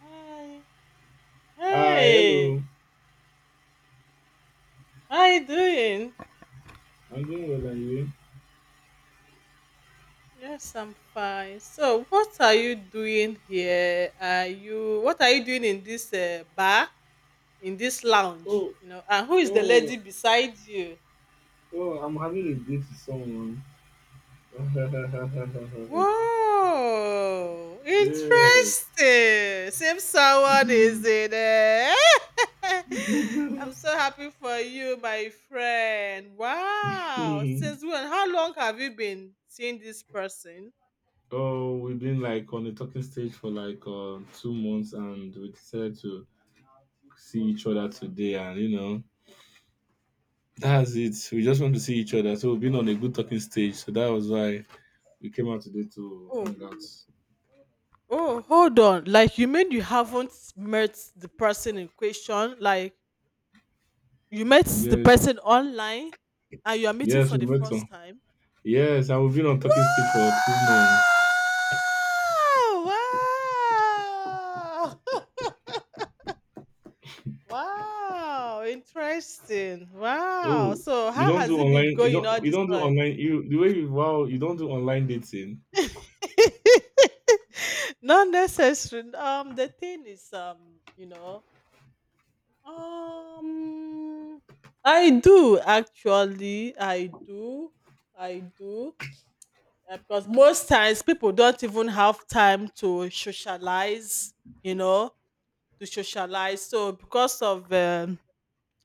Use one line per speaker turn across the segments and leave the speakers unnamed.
Hi.
Hi, hello.
Hey. How you doing?
I'm doing well, and you?
Yes, I'm fine. So, what are you doing here? Are you what are you doing in this bar, in this lounge?
Oh,
You know, and who is the
oh,
lady beside you?
oh! I'm having a date with someone.
Whoa, interesting.
Yes.
Same someone is in there. I'm so happy for you, my friend. Wow. Since when? How long have you been seeing this person?
Oh, we've been like on the talking stage for like 2 months, and we decided to see each other today, and you know. That's it. We just want to see each other. So we've been on a good talking stage. So that was why we came out today to
Oh,
hang out.
Oh, hold on. Like you mean you haven't met the person in question? Like you met the
Yes.
person online and you are meeting
Yes, we
for the
met on.
first time?
Yes, and we've been on talking stage for 2 months.
Wow! Wow! Wow! Interesting.
Oh,
Wow. So
you
how
don't do
has it been
online. You
going
don't.
all
You
this
don't do
time?
online. You the way you wow. You don't do online dating.
Not necessary. The thing is, Um, I do actually. I do. Because most times people don't even have time to socialize, you know, to socialize. So because of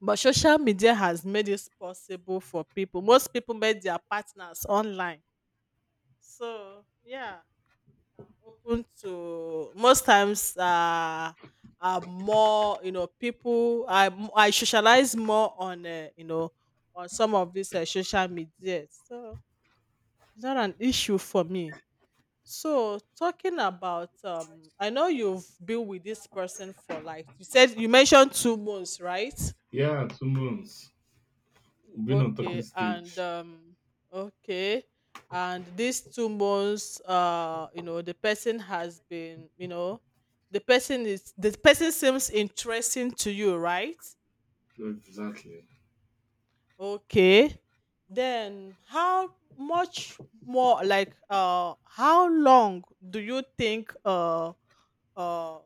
but social media has made it possible for people. Most people met their partners online. So yeah, open to most times are more, you know, people I socialize more on you know, on some of these social media, so it's not an issue for me. So talking about I know you've been with this person for, like you said, you mentioned 2 months, right?
Yeah, 2 months. We've been on talking
Okay,
stage.
okay, and these 2 months, you know, the person has been, you know, the person seems interesting to you, right?
Exactly.
Okay, then how much more, like, how long do you think, uh,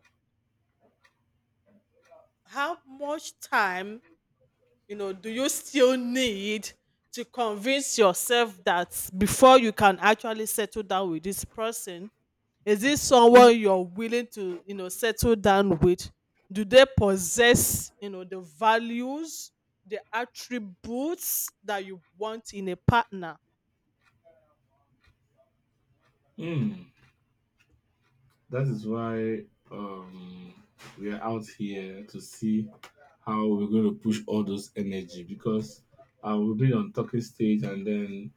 how much time, you know, do you still need to convince yourself that before you can actually settle down with this person? Is this
Okay.
someone you're willing to, you know, settle down with? Do they possess, you know, the values, the attributes that you want in a partner?
Mm. That is why um we are out here to see how we're going to push all those energy because we've been on talking stage and then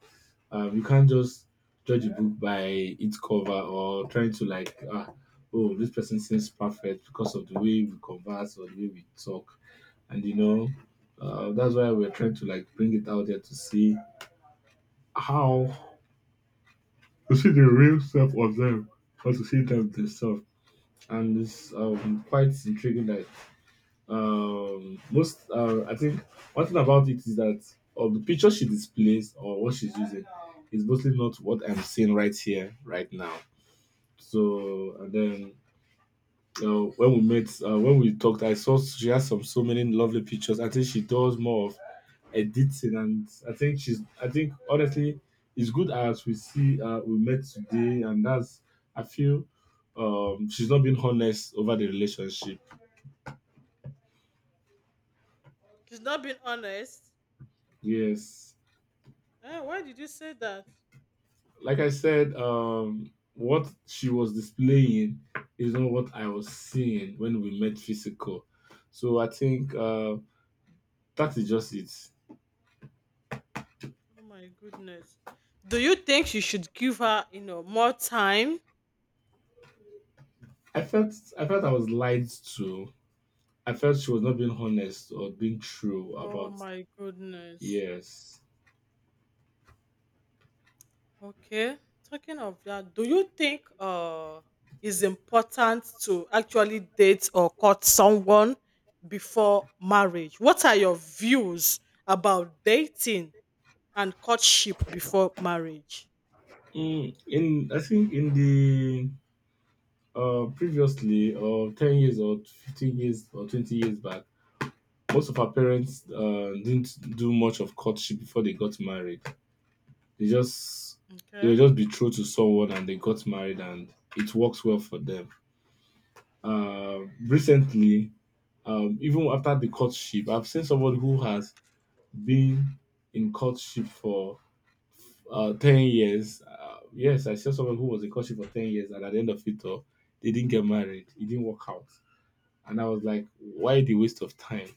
You can't just judge a book by its cover or trying to like, oh, this person seems perfect because of the way we converse or the way we talk. And you know, that's why we're trying to like bring it out there to see how to see the real self of them or to see them themselves. And it's quite intriguing that most, I think, one thing about it is that of the picture she displays or what she's using is mostly not what I'm seeing right here, right now. So and then when we met, when we talked, I saw she has some so many lovely pictures. I think she does more of editing, and I think she's. I think honestly, it's good as we see we met today, and that's. I feel she's not been honest over the relationship.
She's not being honest?
Yes,
Eh, why did you say that?
like I said, what she was displaying is not what I was seeing when we met physical. So I think that is just it.
Oh my goodness. Do you think you should give her, you know, more time?
I felt I was lied to. I felt she was not being honest or being true
Oh
about.
my goodness.
Yes.
Okay. Talking of that, do you think it's important to actually date or court someone before marriage? What are your views about dating and courtship before marriage?
Mm, in I think in the previously or 10 years or 15 years or 20 years back, most of our parents didn't do much of courtship before they got married. They just they
Okay.
were just betrothed to someone and they got married and it works well for them. Uh, Recently, even after the courtship, I've seen somebody who has being in courtship for 10 years. Yes, I saw someone who was in courtship for 10 years, and at the end of it all, they didn't get married. It didn't work out. And I was like, why the waste of time?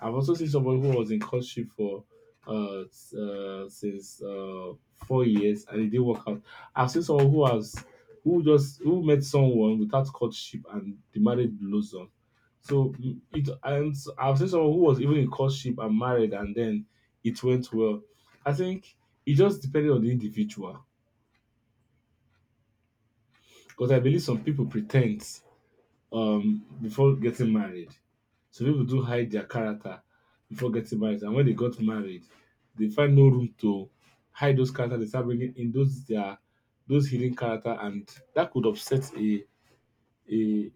I've also seen someone who was in courtship for since 4 years and it didn't work out. I've seen someone who has who just who met someone without courtship and the marriage blows on. So I've seen someone who was even in courtship and married and then it went well. I think it just depended on the individual because I believe some people pretend before getting married. So people do hide their character before getting married, and when they got married, they find no room to hide those character. They start bringing in those hidden character, and that could upset a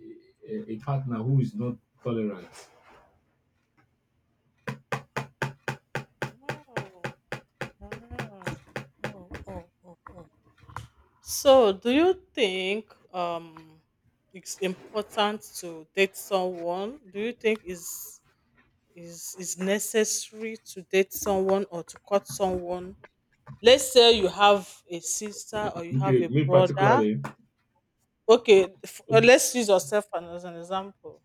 a partner who is not tolerant.
Oh, wow. Oh, oh, oh, oh. So, do you think it's important to date someone? Do you think is necessary to date someone or to cut someone? Let's say you have a sister or you have
Okay,
a
me
brother.
particularly,
Okay, let's use yourself as an example.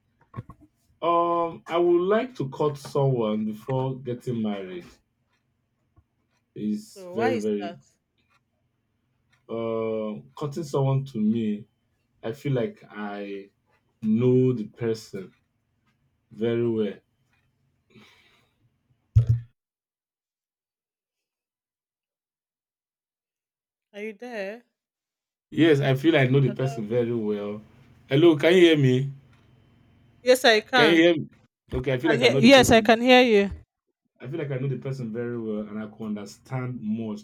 I would like to cut someone before getting married. Is
So, why
very
is
very
that?
cutting someone to me. I feel like I know the person very well.
Are you there?
Yes, I feel I know the
Hello?
person very well. Hello, can you hear me?
Yes, I
Can you
can.
hear me? Okay, I feel like I know the
Yes, I
person.
can hear you.
I feel like I know the person very well and I could understand much.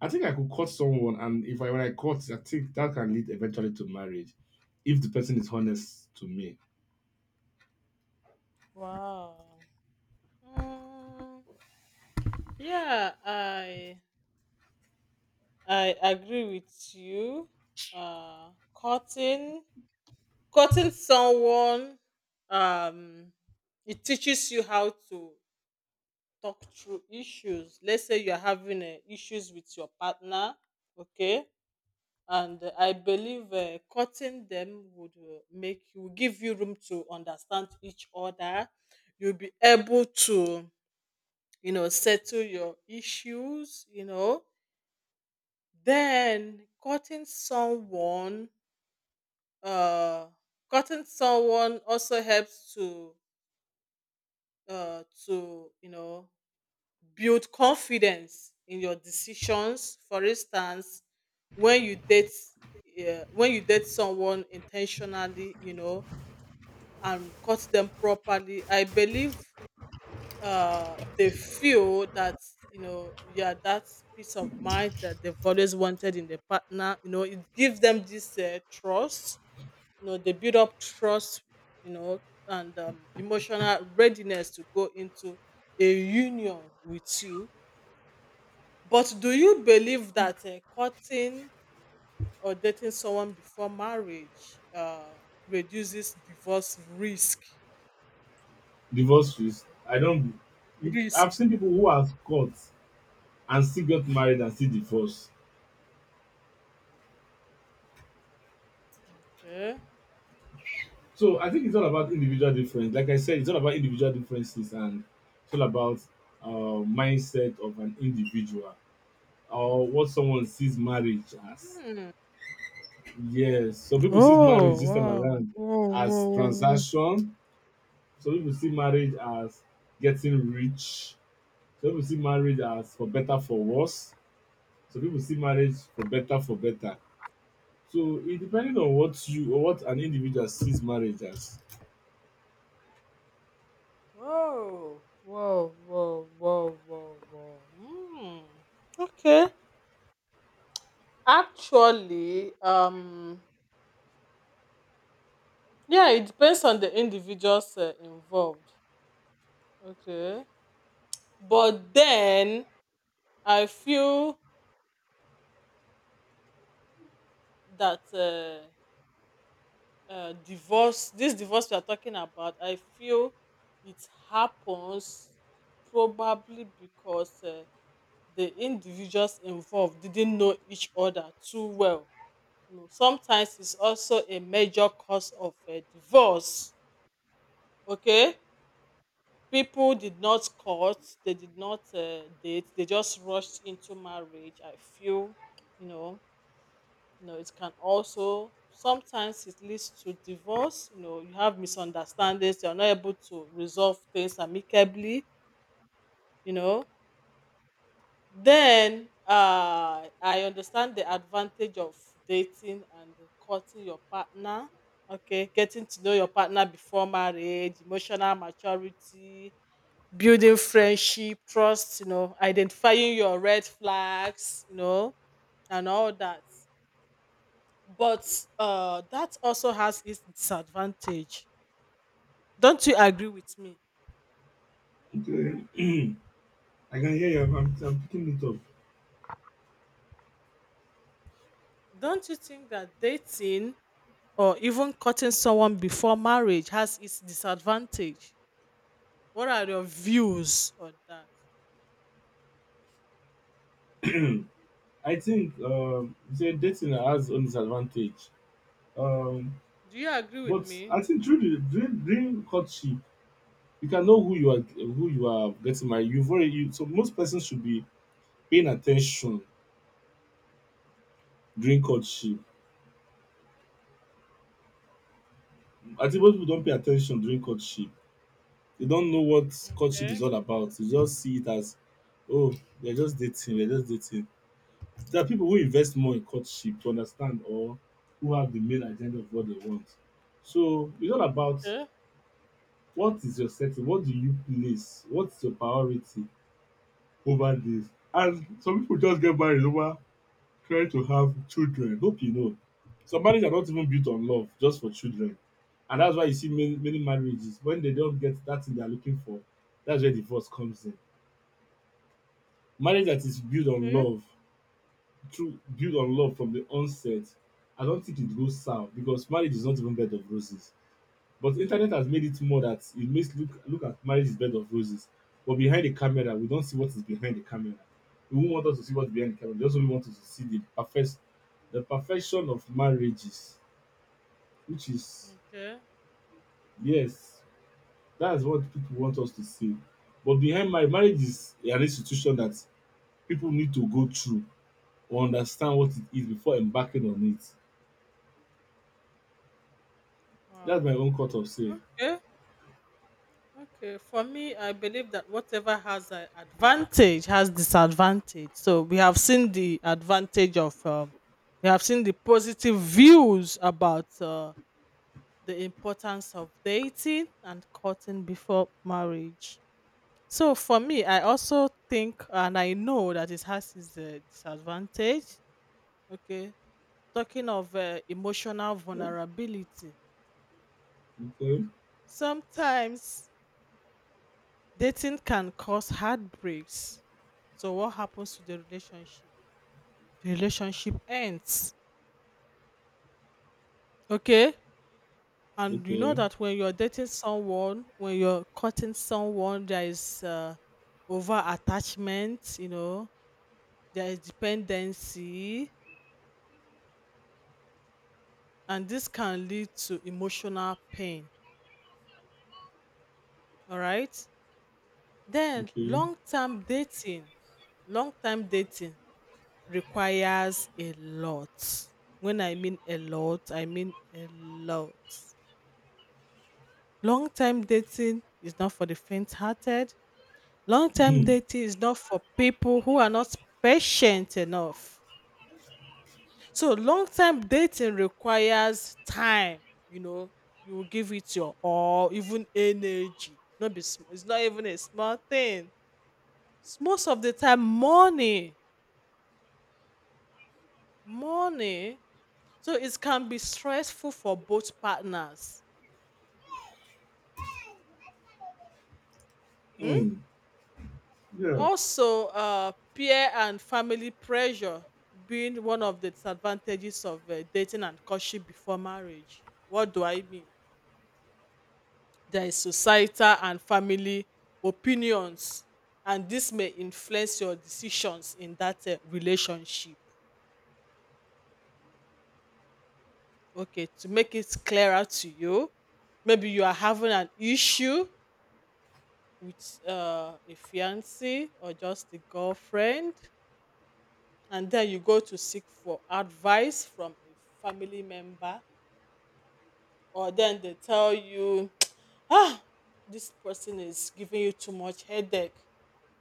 I think I could cut someone, and if I when I cut, I think that can lead eventually to marriage if the person is honest to me.
Wow. Mm, yeah, I agree with you. Uh, cutting cutting someone, um, it teaches you how to talk through issues. Let's say you're having issues with your partner, okay, and I believe cutting them would make you give you room to understand each other. You'll be able to, you know, settle your issues. You know. Then cutting someone, uh also helps to, to, you know, build confidence in your decisions. For instance, when you date when you date someone intentionally, you know, and cut them properly, I believe they feel that, you know, yeah, that peace of mind that they've always wanted in their partner, you know, it gives them this trust, you know, they build up trust, you know, and emotional readiness to go into a union with you. But do you believe that courting or dating someone before marriage reduces divorce risk
Divorce is. I don't I've
risk
seen people who have cut and still got married and still divorced.
Okay.
So I think it's all about individual difference. Like I said, it's all about individual differences and it's all about mindset of an individual or what someone sees marriage as. Yes, some people see
Oh,
marriage this time
wow.
around
Whoa,
as
whoa, whoa,
transaction. Some people see marriage as getting rich. Some people see marriage as for better for worse. Some people see marriage for better for better. So it depending on what you or what an individual sees marriage as.
whoa. Whoa, whoa, whoa, whoa, whoa, whoa. Hmm. Okay. Actually, yeah, it depends on the individuals involved. Okay. But then I feel that, this divorce we are talking about, I feel it happens probably because the individuals involved didn't know each other too well. You know, sometimes it's also a major cause of divorce. Okay, people did not court, they did not date, they just rushed into marriage. I feel, you know, you know, it can also sometimes it leads to divorce. You know, you have misunderstandings, you're not able to resolve things amicably. You know. Then I understand the advantage of dating and courting your partner. Okay, getting to know your partner before marriage, emotional maturity, building friendship, trust, you know, identifying your red flags, you know, and all that. But that also has its disadvantage. Don't you agree with me?
Okay. I can hear you. I'm picking it up.
Don't you think that dating or even cutting someone before marriage has its disadvantage? What are your views on that?
I think you said dating has own disadvantage. Um,
Do you agree with
but
me?
I think during courtship, you can know who you are getting married. So most persons should be paying attention during courtship. I think most people don't pay attention during courtship. They don't know what courtship is
Okay,
all about. They just see it as, oh, they're just dating, they're just dating. There are people who invest more in courtship to understand or who have the main agenda of what they want. So it's all about
okay,
what is your setting, what do you place, what's your priority over this. And some people just get married over trying to have children. Hope you know. Some marriages are not even built on love, just for children. And that's why you see many, many marriages, when they don't get that thing they're looking for, that's where divorce comes in. Marriage that is built on
okay,
love through build on love from the onset, I don't think it goes south because marriage is not even bed of roses. But internet has made it more that it makes look at marriage is bed of roses. But behind the camera, we don't see what is behind the camera. We won't want us to see what's behind the camera. We just only want us to see the perfection of marriages, which is.
okay.
Yes, that's what people want us to see. But behind marriage, marriage is an institution that people need to go through or understand what it is before embarking on it. That's
Wow.
my own cut of say.
Okay, okay. For me, I believe that whatever has an advantage has disadvantage. So we have seen the advantage of, we have seen the positive views about the importance of dating and courting before marriage. So for me, I also think and I know that it has its disadvantage. Okay. Talking of emotional
Yeah.
vulnerability,
Okay.
sometimes dating can cause heartbreaks. So, what happens to the relationship? The relationship ends. Okay. And you know
Okay.
that when you're dating someone, when you're courting someone, there is over attachment, you know, there is dependency, and this can lead to emotional pain. All right. Then
Okay.
long-term dating requires a lot. When I mean a lot, I mean a lot. Long-term dating is not for the faint-hearted. Long-term dating is not for people who are not patient enough. So long-term dating requires time, you know, you will give it your all, even energy. Not be sm- It's not even a small thing. It's most of the time money. Money. So it can be stressful for both partners. Hmm?
Mm. Yeah.
Also, peer and family pressure being one of the disadvantages of dating and courtship before marriage. What do I mean? There is societal and family opinions, and this may influence your decisions in that relationship. Okay, to make it clearer to you, maybe you are having an issue with a fiance or just a girlfriend, and then you go to seek for advice from a family member, or then they tell you, ah, this person is giving you too much headache,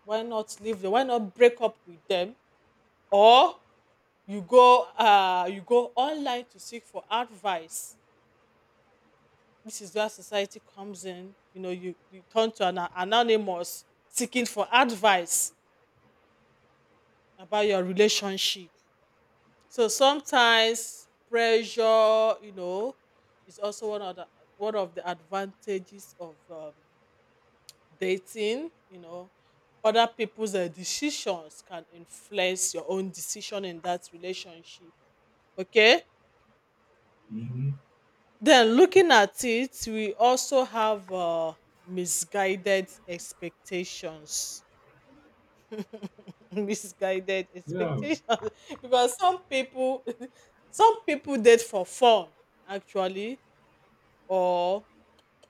why not leave them, why not break up with them? Or you go, you go online to seek for advice. This is where society comes in, you know, you turn to an anonymous seeking for advice about your relationship. So sometimes pressure, you know, is also one of the advantages of dating. You know, other people's decisions can influence your own decision in that relationship. Okay.
Mm-hmm.
Then looking at it, we also have misguided expectations. Misguided
Yeah.
expectations. Because some people, some people date for fun, actually, or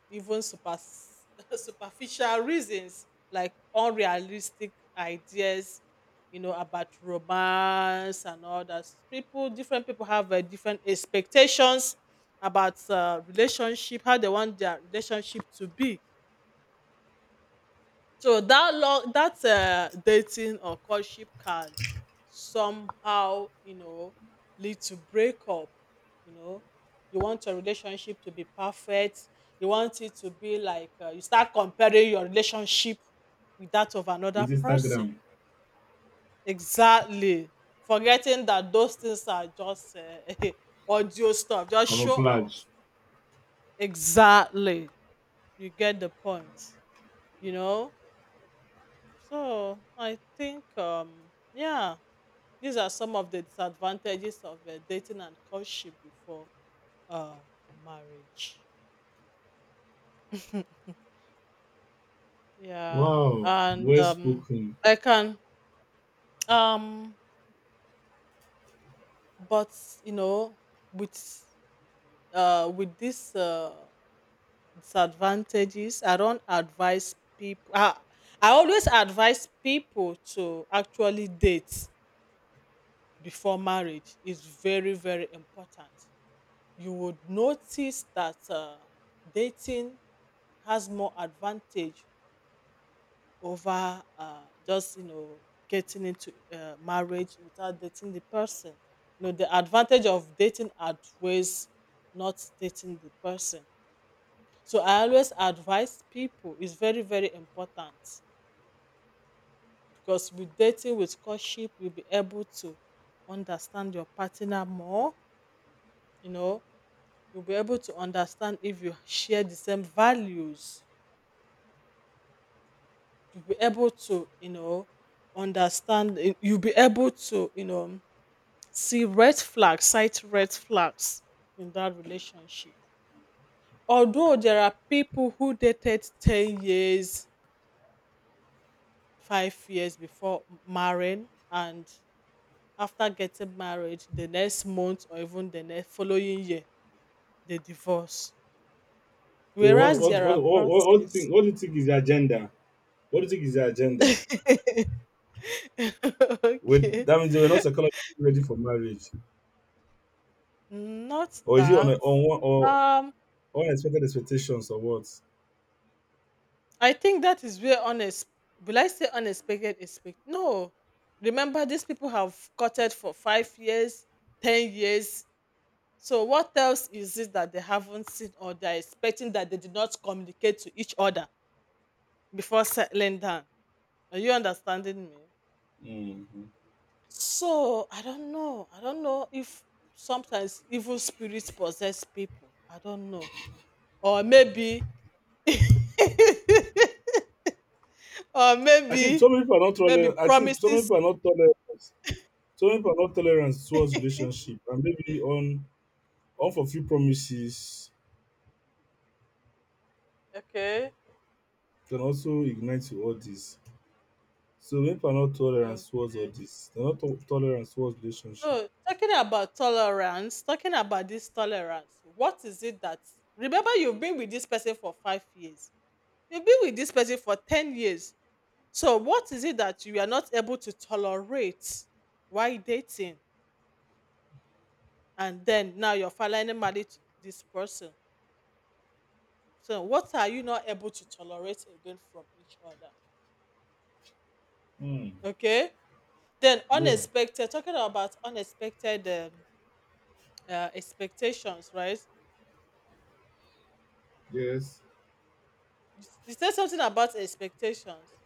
even super superficial reasons, like unrealistic ideas, you know, about romance and all that. People Different people have different expectations about relationship, how they want their relationship to be. So that long that dating or courtship can somehow, you know, lead to breakup. You know, you want your relationship to be perfect. You want it to be like, you start comparing your relationship with that of another
With
person.
Instagram
Exactly, forgetting that those things are just audio stuff, just show off.
camouflage.
Exactly, you get the point. You know. So I think, yeah, these are some of the disadvantages of dating and courtship before uh, marriage. Yeah,
Wow.
and
Well spoken.
I can, um, but you know, with with these disadvantages, I don't advise people. I always advise people to actually date before marriage. It's very very important. You would notice that dating has more advantage over, just, you know, getting into marriage without dating the person. You know the advantage of dating outweighs not dating the person. So I always advise people it's very very important because with dating, with courtship, you'll be able to understand your partner more. You know, you'll be able to understand if you share the same values, you'll be able to, you know, understand, you'll be able to, you know, see red flags, sight red flags in that relationship. Although there are people who dated 10 years, 5 years before marrying, and after getting married the next month or even the next following year, they divorce.
So what
Whereas
what
there are
what what what, what do you
persons,
think? What do you think is the agenda? What do you think is the agenda? With
okay,
that means they were not psychologically ready for marriage,
not
or is it on a,
that,
on one or
um
unexpected expectations or what?
I think that is where unex will I say unexpected expect no. Remember, these people have courted for 5 years, 10 years. So what else is it that they haven't seen, or they're expecting, that they did not communicate to each other before settling down? Are you understanding me?
Mm-hmm.
So I don't know. I don't know if sometimes evil spirits possess people. I don't know. Or maybe or
I think so
maybe
many people are not
maybe
tolerant. I think so many
promises
people are not tolerant. So many people are not tolerant towards relationship, and maybe on. Unfulfilled promises
okay.
can also ignite to all this. So people are not tolerant towards all
Okay.
this. They're not to- tolerant towards relationship.
So talking about tolerance, talking about this tolerance, what is it that remember you've been with this person for 5 years? You've been with this person for 10 years. So what is it that you are not able to tolerate while dating? And then now you're finally married to this person. So what are you not able to tolerate again from each other?
Hmm.
Okay. Then
Yeah.
unexpected, talking about unexpected expectations, right?
Yes.
You said something about expectations.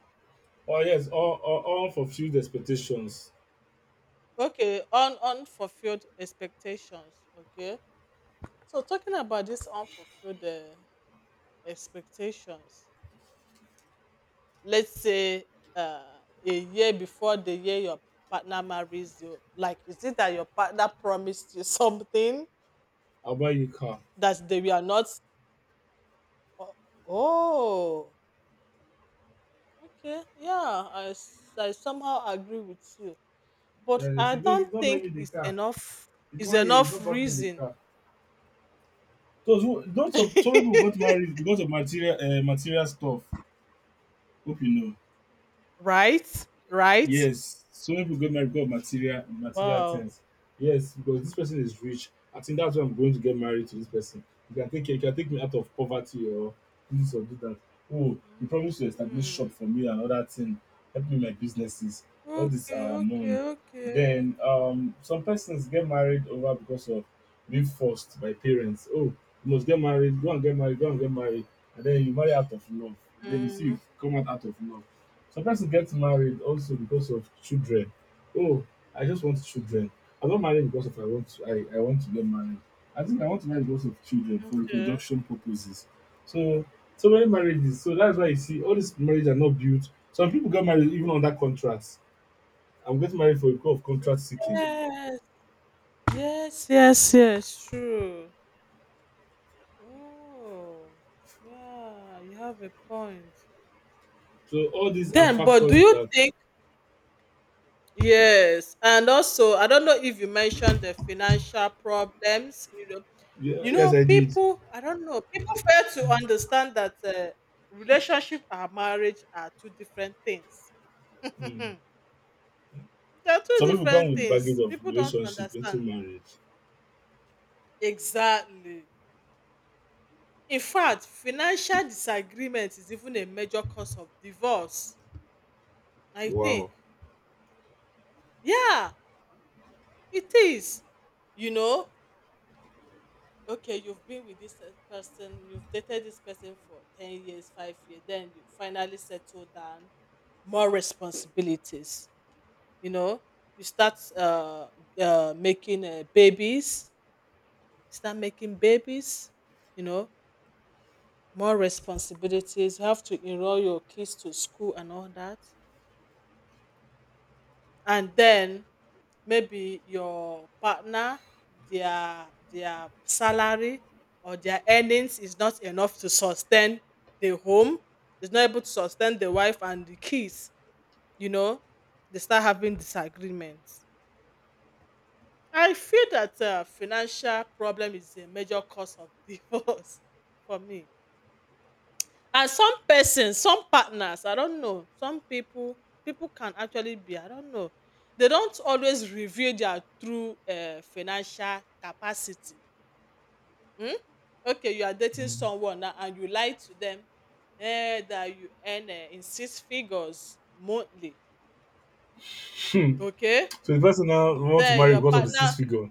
Oh yes. All unfulfilled expectations.
Okay, unfulfilled expectations. Okay. So talking about this unfulfilled expectations, let's say uh, a year before the year your partner marries you, like is it that your partner promised you something
I'll buy you a car.
that they were not? Oh, oh, okay, yeah, I somehow agree with you, but
Then they
I
say, baby, you
don't
not buying me
think
the
it's
car.
enough.
It's
Is
one year. You
enough
not buying me the
reason.
car. Those who, not of some people got married because of material stuff. Hope you know.
Right? Right?
Yes, some people get married because of material
Wow.
things. Yes, because this person is rich. I think that's why I'm going to get married to this person. You can take me out of poverty or do this or do that. Oh, you promised to establish shop
Mm.
for me and other thing, help me my businesses. All this
Okay,
are
okay,
among.
okay.
Then some persons get married over because of being forced by parents. Oh, you must get married, go and get married, go and get married, and then you marry out of love. Then you see
Mm,
you come out of love. Some person gets married also because of children. Oh, I just want children. I'm not married because of I want to get married. I think I want to marry because of children for
okay.
reproduction purposes. So so many marriages. So that's why you see all these marriages are not built. Some people get married even under contracts. I'm getting married for because of contract seeking.
Yes, yes, yes, yes, true. Oh, yeah, you have a point.
So all these are
Then, but
factors
do you
that.
think? Yes, and also I don't know if you mentioned the financial problems.
Yeah, yes I did.
People. I don't know. People fail to understand that relationship and marriage are two different things.
Mm.
They're two
Some people come
different
with baggage
things.
of
People don't
relationship into
understand
marriage.
exactly. In fact, financial disagreement is even a major cause of divorce, I
Wow.
think. Yeah, it is. You know, okay, you've been with this person, you've dated this person for 10 years, 5 years, then you finally settle down, more responsibilities, you know, you start making babies, start making babies, you know, more responsibilities. You have to enroll your kids to school and all that, and then maybe your partner, their salary or their earnings is not enough to sustain the home, is not able to sustain the wife and the kids, you know, they start having disagreements. I feel that financial problem is a major cause of divorce, for me. And some persons, some partners, I don't know, some people, people can actually be, I don't know, they don't always reveal their true financial capacity. Um, okay, you are dating
Mhm.
someone now and you lie to them that you earn in six figures monthly, okay?
So the person now want to
Den
marry
your
because of the six
partner,
figure.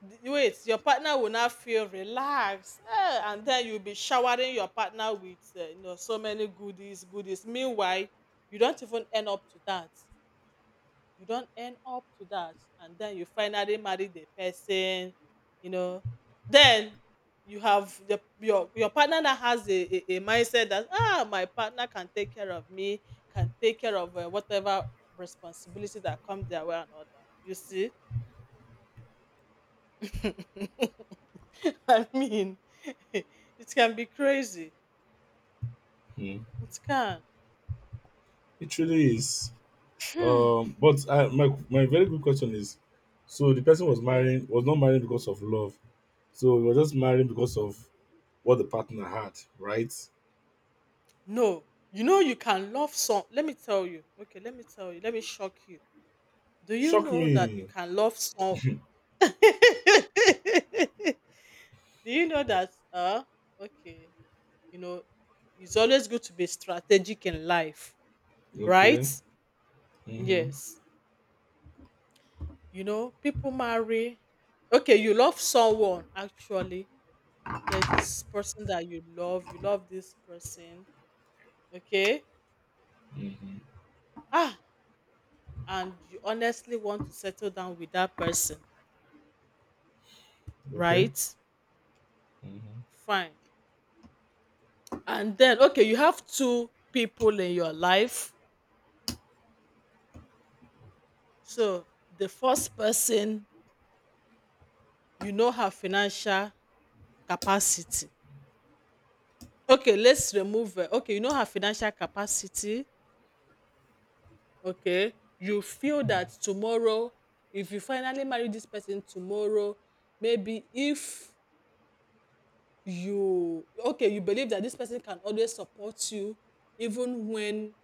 wait, your partner will not feel relaxed, eh, and then you'll be showering your partner with you know, so many goodies, meanwhile you don't even end up to that, you don't end up to that, and then you finally marry the person, you know, then you have your partner that has a mindset that ah, my partner can take care of me, can take care of whatever responsibility that comes their way and all that, you see. I mean, it can be crazy.
Mm.
It can.
It really is.
Hmm.
But I, my very good question is, so the person was
Okay.
marrying was not marrying because of love. So he was just marrying because of what the partner had, right?
No, you know you can love some. Let me tell you. Okay, let me tell you. Let me shock you. Do you
Shock
know that you
me.
can love some? Do you know that? Okay. You know, it's always good to be strategic in life, right?
Okay. Mhm.
Yes. You know, people marry. Okay, you love someone, actually there's this person that you love this person, okay?
Mhm.
Ah, and you honestly want to settle down with that person,
Okay.
right?
Mhm.
Fine. And then, okay, you have two people in your life. So the first person, you know her financial capacity. Okay, let's remove her. Okay, you know her financial capacity. Okay, you feel that tomorrow, if you finally marry this person tomorrow, maybe if you, okay, you believe that this person can always support you, even when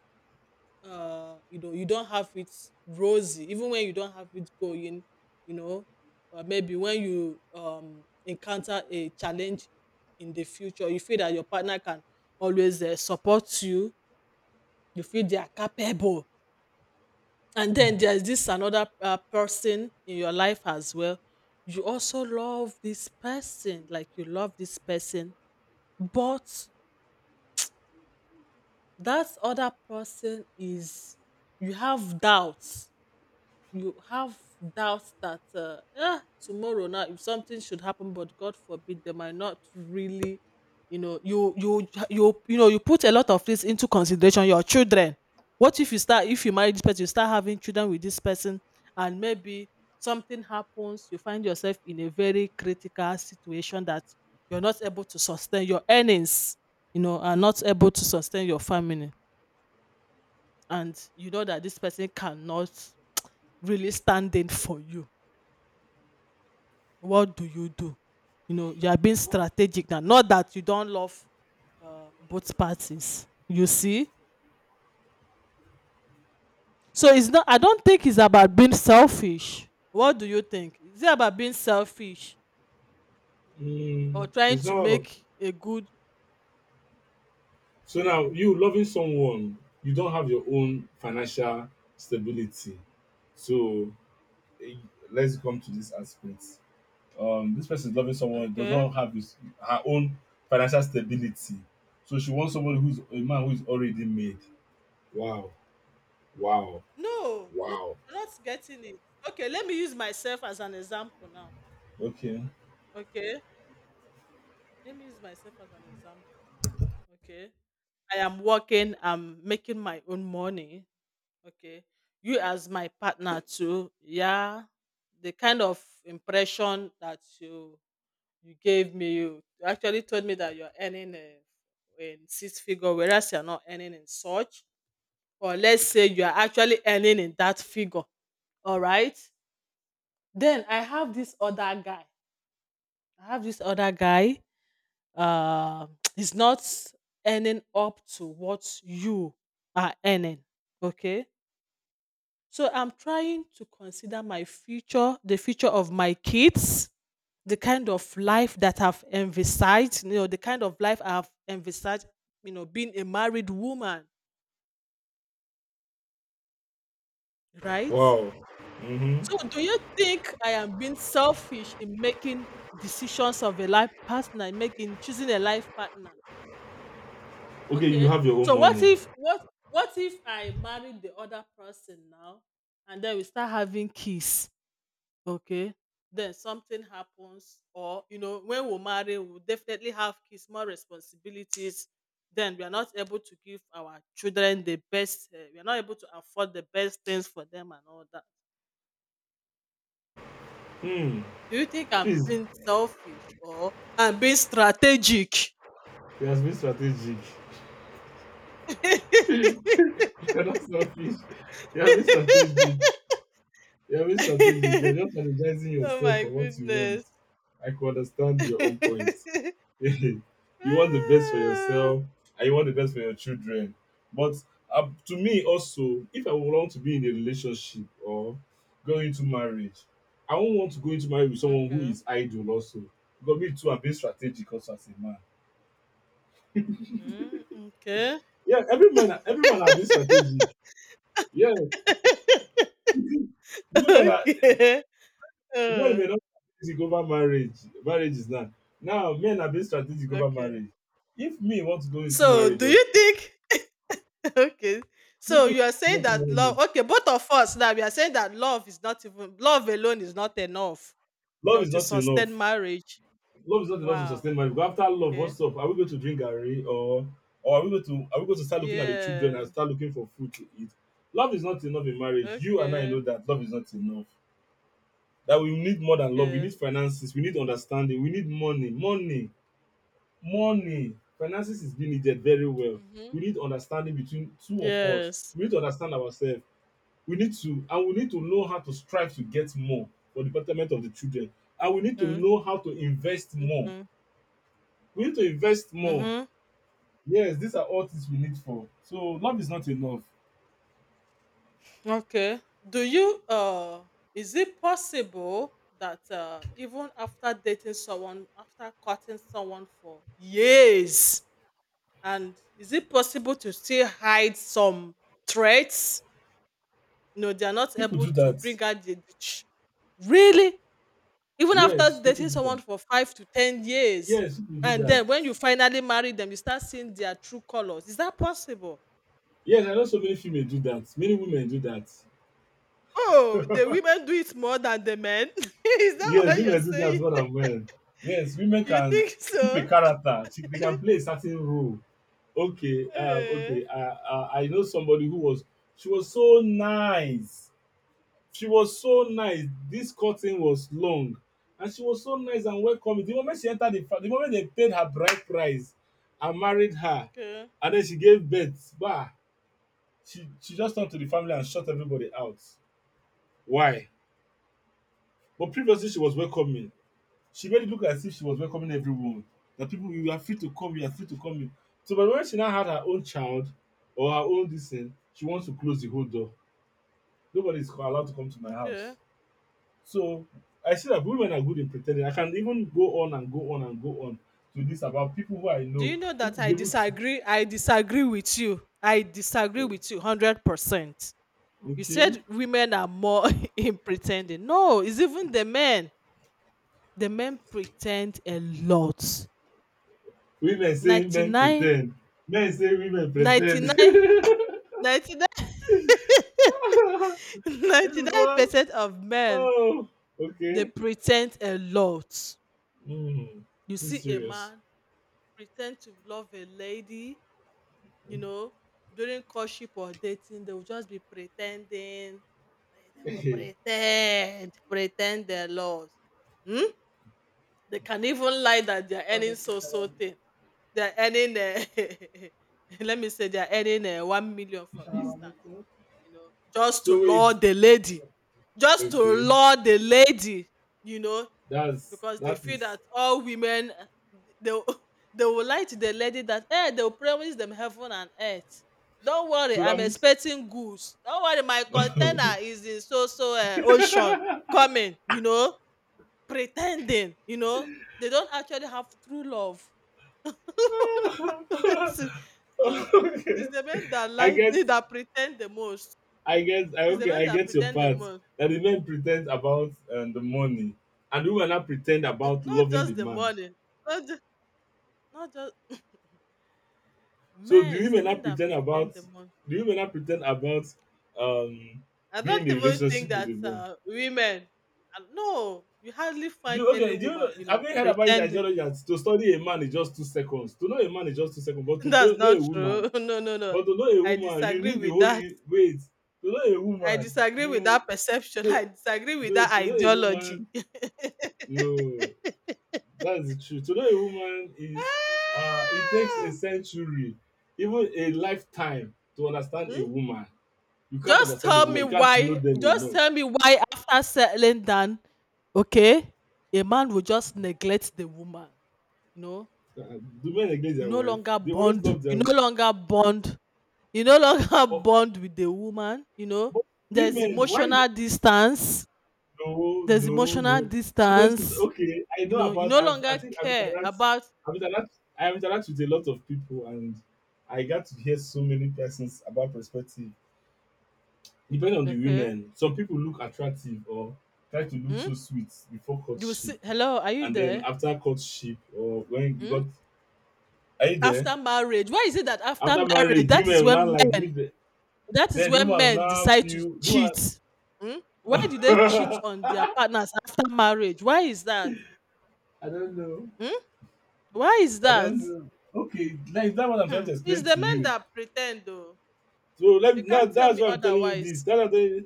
uh, you know, you don't have it rosy, even when you don't have it going, you know, maybe when you encounter a challenge in the future, you feel that your partner can always support you, you feel they are capable. And then there's this another person in your life as well, you also love this person, like you love this person, but that other person is, you have doubts, you have doubts that eh, tomorrow now if something should happen, but god forbid they might not really, you know, you know, you put a lot of this into consideration, your children. What if you start, if you marry this person, you start having children with this person, and maybe something happens, you find yourself in a very critical situation that you're not able to sustain your earnings, you know, are not able to sustain your family, and you know that this person cannot really stand in for you, what do? You know, you are being strategic now. Not that you don't love both parties. You see? So it's not, I don't think it's about being selfish. What do you think? Is it about being selfish or trying
It's
to
not about,
make a good?
so now you loving someone, you don't have your own financial stability. So eh, let's come to this aspect. This person is loving someone, does not
Okay.
have his, her own financial stability. So she wants somebody who's a man who is already made. Wow. Wow.
No, no,
Wow.
you're not getting it. Okay, let me use myself as an example now.
Okay.
Okay. Let me use myself as an example. Okay. I am working, I'm making my own money. Okay. You as my partner too. Yeah. The kind of impression that you gave me, you actually told me that you're earning a in six figure, whereas you're not earning in such. Or let's say you are actually earning in that figure. All right. Then I have this other guy. I have this other guy. Uh, he's not earning up to what you are earning. Okay. So I'm trying to consider my future, the future of my kids, the kind of life that I've envisaged, you know, the kind of life I've envisaged, you know, being a married woman, right?
Wow. Hmm.
So do you think I am being selfish in making decisions of a life partner, in making, choosing a life partner?
Okay, you
Okay.
have your own
So
money.
what if I marry the other person now and then we start having kids? Okay. Then something happens, or you know, when we marry we will definitely have kids, more responsibilities, then we are not able to give our children the best, we are not able to afford the best things for them and all that.
Hmm.
Do you think I'm
Please,
being selfish or I'm being strategic?
you have been strategic. You're not selfish. You have been strategic. You have been strategic. You're just strategizing
Oh
yourself
my
for what you want.
goodness.
I can understand your own point. You want the best for
Ah,
yourself and you want the best for your children. But to me, also, if I would want to be in a relationship or go into marriage, I won't want to go into marriage with someone who
okay.
is idle, also. Because me too, I've been strategic also as a man.
Mm, okay.
Yeah, every man have been strategic. Yeah, women are,
Okay.
women
Uh,
may not be strategic over marriage. Marriage is not. Now men are being strategic over
okay.
marriage. If me want to go into
So,
marriage,
do
also,
you think? Okay.
if
So,
me
you are saying
want to
that
marry.
love, okay, both of us now we are saying that love is not even, love alone is not enough, you
Love
know,
is
to
not
sustain
enough.
marriage.
Love is not enough to sustain
Wow.
marriage. Because after love,
Okay.
what's up? Are we going to drink garri, or are we going to, are we going to start looking at the children and
Yeah.
start looking for food to eat? Love is not enough in marriage. You and I know
Okay.
that love is not enough. That we need more than love. We
Okay.
need finances. We need understanding. We need money. Money. Money. Finances is being needed very well.
Mhm.
We need understanding between two of us.
Yes.
We need to understand ourselves. We need to, and we need to know how to strive to get more for the betterment of the children. And we need to
Mhm.
know how to invest more.
Mhm.
We need to invest more.
Mhm.
Yes, these are all things we need for. So love is not enough.
Okay. Do you uh, is it possible that uh, even after dating someone, after courting someone for years, and is it possible to still hide some traits? No, they are not
People
able
do
to
that.
bring out the really, even
Yes,
after
people
dating
do
someone
that.
for 5 to 10 years,
Yes, people do
and
that.
then when you finally marry them, you start seeing their true colors. Is that possible?
Yes, I know so many female do that. Many women do that.
Oh, the women do it more than the men. Is that
Yes,
what you're
women do that
saying?
well and well. Yes, women
You
can
think
keep a
so?
character. They can play a certain role. Okay,
Eh,
okay. I know somebody who was, she was so nice. She was so nice. This curtain was long, and she was so nice and welcoming. The moment she entered the the moment they paid her bride price and married her,
okay,
and then she gave birth, bah, she just turned to the family and shut everybody out. Why? But previously she was welcoming. She made it look as if she was welcoming everyone. That people, you are free to come, you are free to come in. So but when she now had her own child or her own this thing, she wants to close the whole door. Nobody is allowed to come to my house.
okay.
So I see that women are good in pretending. I can even go on and go on and go on to this about people who I
Do you
know
know
who
that
could
I
be able to.
disagree? I disagree with you. I disagree
Oh,
with you 100%. You
okay.
said women are more in pretending. No, it's even the men. The men pretend a lot.
Women say men
99,
pretend. Men say women pretend. This
99, 99,
is
ninety-nine
all,
percent of men,
oh
they
okay.
pretend a lot.
Mm,
You
this is
see a
serious.
man pretend to love a lady, you know, during courtship or dating, they will just be pretending. They will
Okay.
pretend, pretend their laws. Hmm? They can even lie that they are earning so so thing. They are earning, let me say, they are earning 1 million, for instance. You know, just to
So wait.
lure the lady, just to
Okay.
lure the lady. You know,
That's,
because they
that
feel
is,
that all women they will- they will lie to the lady that eh, they will promise them heaven and earth. Don't worry,
so that
I'm
means
expecting goods. Don't worry, my container is in so so ocean coming. You know, pretending. You know, they don't actually have true love. It's so,
okay.
it's the men that
I
lie,
get,
that pretend the most.
I guess I,
It's the
okay,
men
I
that
get your
pretend the
part.
most.
That the men pretend about the money, and the women now pretend
Mm,
about
not
loving the
just the
man.
money. Not just, not just.
So the
Men, is the
women now
men that
pretend
pretend
about,
the most.
the women now pretend about um
I
being in
don't
a
even think
relationship with the
that
man.
women. Uh, no, you hardly find
Do,
any
okay, do you know,
woman, you
have
know,
you heard about his
pretend.
ideology that to study a man is just 2 seconds? To know a man is just 2 seconds, but
That's
to know a
not
woman,
true. No, no, no.
but to know a
I
woman, you
disagree
need the
with
whole,
that.
you wait. To know a
I
woman,
disagree with
you,
that perception.
to,
I disagree with
no,
that
to know a
ideology.
woman, no. That's the truth. To know a woman is it takes a
Ah!
century, even a lifetime to understand a
Hmm?
woman. You can't
Just
understand a
tell me
woman, you can't know
why.
them
Just
enough.
tell me why after settling down, okay, a man will just neglect the woman. You know,
Do men neglect their wife? They always love
you
them.
no longer bond, you no longer
Oh,
bond with the woman, you know,
but
there's
women, why is it,
emotional distance,
no,
there's
no,
emotional
no? So this is
distance,
okay. I
you
know
know, you
about,
no
I've I
longer
think I've
care
interact
about,
I've interact I've interact with a lot of people, and I got to hear so many persons about perspective. Depend on the
okay,
women. Some people look attractive, or try to look
hmm?
so sweet before
You will
courtship,
see, hello, are you
and then
there?
after courtship or when you
Hmm?
got, are you there?
After marriage, why is it that after
After
marriage,
marriage,
that is
women will not
when
like
men
leave the,
that is
then the
when
woman will
men
not
decide to
feel the woman.
cheat? Hmm? Why do they cheat on their partners after marriage? Why is that?
I don't know.
Hmm? Why is
I
that?
don't know. Okay, like that's what I'm trying
Hmm.
to
It's
explain
the
to
men
you.
that pretend though.
So let
You
now,
can't tell
that's
me
why I'm telling you this.
otherwise.
That's what I'm telling you.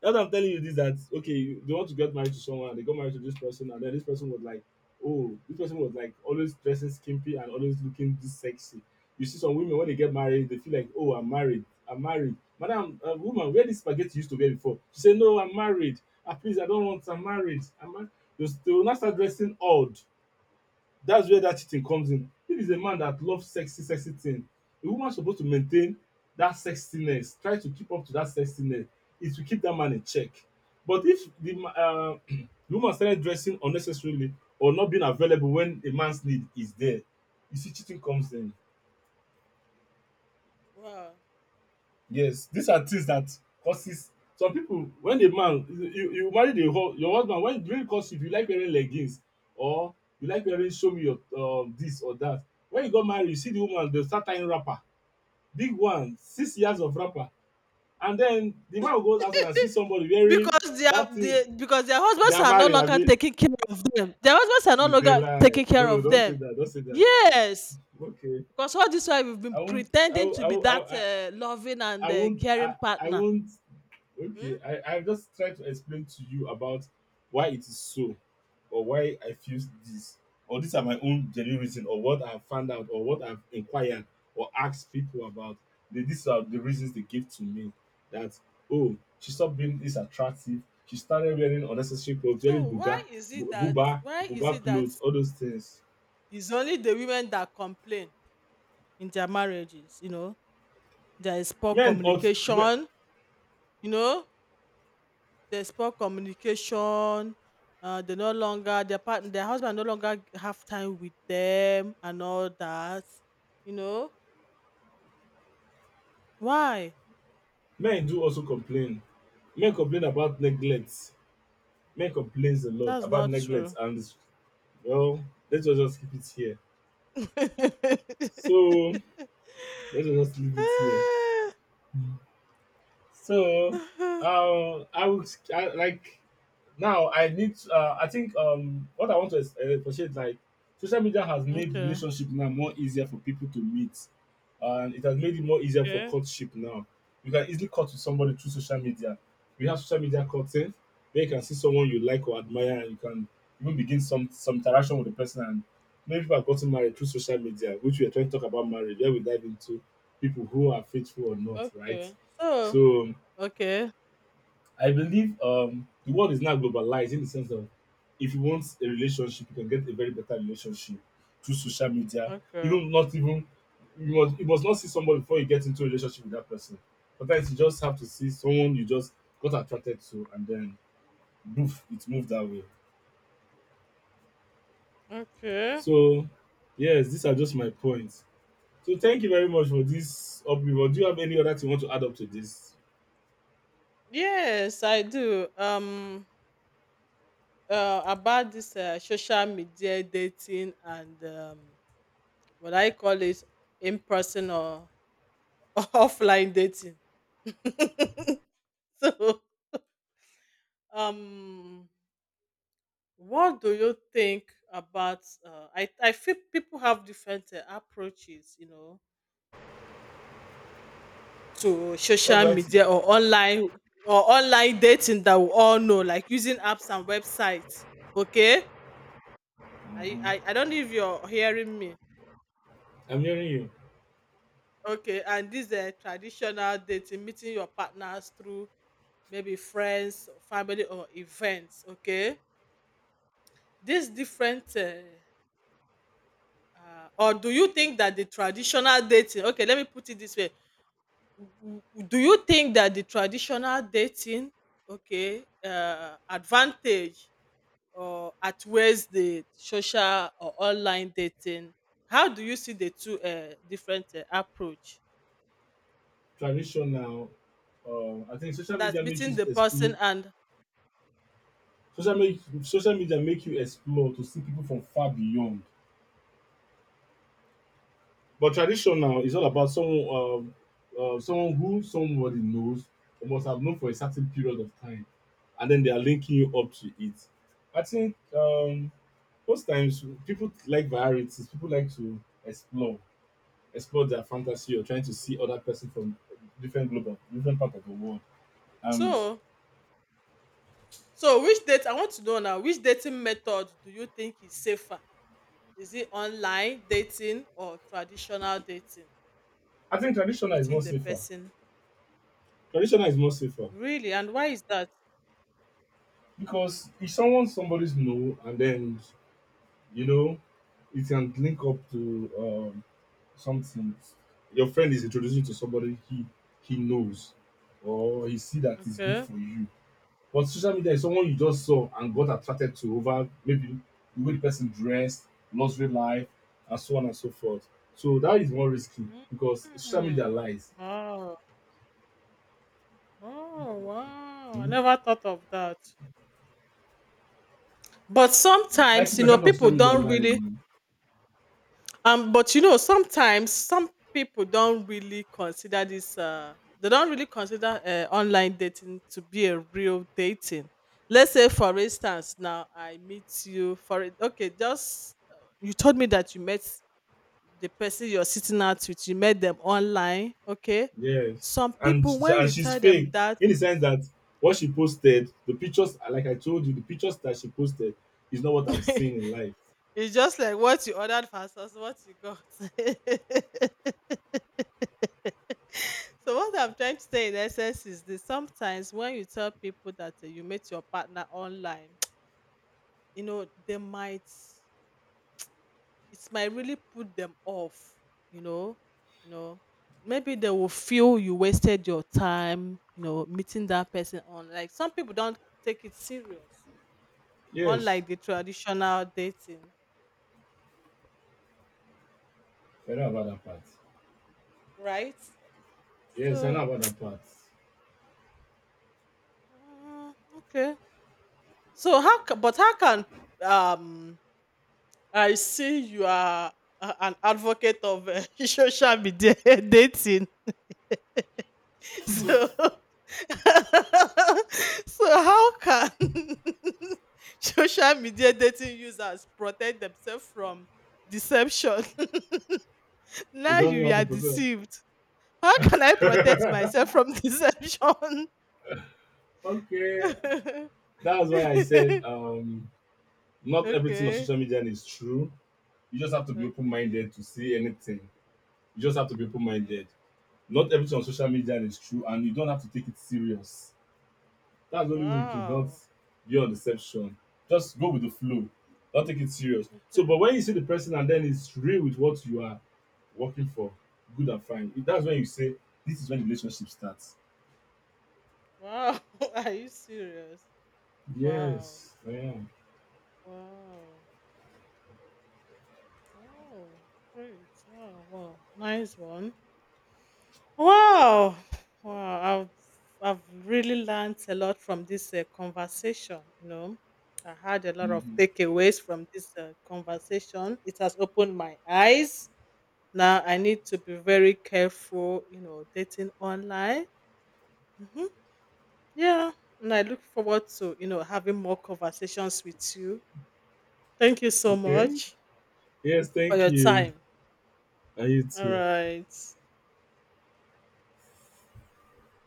That's what I'm telling you this, that okay, they want to get married to someone, they got married to this person, and then this person was like, oh, this person was like always dressing skimpy and always looking this sexy. You see some women when they get married, they feel like, oh, I'm married, I'm married. Madam, woman, where this spaghetti you used to wear before? She said, no, I'm married. Ah, please, I don't want. I'm married. I'm married. They will now start dressing odd, that's where that cheating comes in. If it's a man that loves sexy, sexy thing, a woman supposed to maintain that sexiness, try to keep up to that sexiness. It will keep that man in check. But if the the woman started dressing unnecessarily or not being available when a man's need is there, you see, cheating comes in.
Wow.
Yes, these are things that causes some people when a man, you marry the whole your husband, when it really courtship you, if you like wearing leggings or you like wearing, show me your this or that. When you got married you see the woman dey start tying wrapper, big one, 6 years of wrapper, and then the man will go outside and see somebody wearing
Because their
that thing.
because their
They
husbands
are
are no
married
longer
abi?
taking care of them. Their husbands are no
Is a
longer
lie.
taking care
No,
of
don't say
them.
that, don't say that.
Yes.
Okay.
Because all this while we've
I
been
won't I
pretending
won't
to
I
be
won't
that loving
I
and
won't
caring
I
partner.
won't. Okay,
Hmm?
I just try to explain to you about why it is so, or why I feel this, or these are my own genuine reason, or what I've found out, or what I've inquired or asked people about. These are the reasons they give to me that oh, she stopped being this attractive. She started wearing unnecessary clothes, wearing
So
buga,
why is it that
buba,
why is
buba
it that
clothes, all those things.
it's only the women that complain in their marriages? You know, there is poor
Men also, men,
communication. You know, there's poor communication. They no longer their partner, their husband no longer have time with them and all that. You know why?
men do also complain. Men complain about neglect. Men complains a lot
That's
about
not
neglect
true.
and, well, let us just keep it here. So let us just leave it here. So, I would, I, like now I need to, I think what I want to appreciate, like social media has made
Okay.
relationship now more easier for people to meet, and it has made it more easier for
Okay.
courtship now. You can easily court with somebody through social media. We have social media courting where you can see someone you like or admire, and you can even begin some interaction with the person. And many people have gotten married through social media, which we are trying to talk about marriage. Where we dive into people who are faithful or not, right?
Okay. So
So
okay.
I believe the world is now globalized in the sense of, if you want a relationship, you can get a very better relationship through social media.
Okay.
Even not even, you must not see somebody before you get into a relationship with that person. Sometimes you just have to see someone you just got attracted to, and then boof, it moved that way.
Okay.
So yes, these are just my points. So thank you very much for this upriver. Do you have any other thing you want to add up to this?
Yes, I do. About this social media dating and what I call it in person or offline dating. So, um, what do you think about? I feel people have different approaches, you know, to
What
social
do I? T-
media or online dating that we all know, like using apps and websites. Okay, I
Mhm.
I, I don't know if you're hearing me.
I'm hearing you.
Okay, and this traditional dating, meeting your partners through maybe friends, or family, or events. Okay, this different, or do you think that the traditional dating? Okay, let me put it this way: Do you think that the traditional dating, okay, advantage or outweighs the social or online dating? How do you see the two different approach?
Traditional, I think social
That's
media makes
meeting
you
the
explore,
person and
social make, social media make you explore to see people from far beyond, but traditional
okay.
is all about someone, someone who somebody knows or must have known for a certain period of time, and then they are linking you up to it. I think most times people like varieties, people like to explore, explore their fantasy or trying to see other person from different global, different part of the world, and
So so which date I want to know now, which dating method do you think is safer? Is it online dating or traditional dating?
I think traditional is more
Meeting the
safer.
person.
Traditional is more safer,
Really? And why is that?
because if someone somebody's know, and then you know, it can link up to something. Your friend is introducing to somebody he knows, or he see that is good
Okay.
for you. But social media is someone you just saw and got attracted to over maybe the way the person dressed, luxury life, and so on and so forth. So that is more risky because social
Mm.
media lies.
Wow. Oh wow. I
Hmm?
never thought of that. But sometimes,
Ninety
you know,
percent of
people
social media
don't
lies.
really. But you know, sometimes some people don't really consider this. They don't really consider online dating to be a real dating. Let's say, for instance, now I meet you for it. Okay, just you told me that you met the person you're sitting out with. You met them online. Okay,
Yes,
some
and
people when
and
you
she's
tell them
fake,
that,
in the sense that what she posted, the pictures, like I told you, the pictures that she posted is not what I'm seeing in
it's
life.
just like what you ordered versus what you got. So what I'm trying to say in essence is this: sometimes when you tell people that you met your partner online, you know, they might it might really put them off, you know, you know. Maybe they will feel you wasted your time, you know, meeting that person on, like, some people don't take it serious,
Yes,
unlike the traditional dating,
I know about that part.
right?
Yes, I
So
know about that part.
mm, okay. So how ca- but how can um I see you are an advocate of social media dating. So, so how can social media dating users protect themselves from deception?
We
Now
don't know
you
how to
are
put it.
deceived. How can I protect myself from deception?
Okay, that's why I said
Okay,
not everything on
okay,
social media is true. You just have to be open
okay.
minded to see anything. You just have to be open minded. Not everything on social media is true, and you don't have to take it serious. That's the only way to not
Wow.
be on deception. Just go with the flow. Don't take it serious. So, but
Okay.
when you see the person and then it's real with what you are working for, good and fine. That's when you say, this is when the relationship starts.
Wow. Are you serious? Wow.
Yes, I am.
Wow. Wow. Great. Wow. Wow. Nice one. Wow. Wow. I've I've really learned a lot from this conversation, you know. I had a lot of
Hmm.
takeaways from this conversation. It has opened my eyes. Now I need to be very careful, you know, dating online. Hmm. Yeah. And I look forward to, you know, having more conversations with you. Thank you so
Okay.
much
Yes,
for
thank
your
you.
time.
Are you
All
too?
right.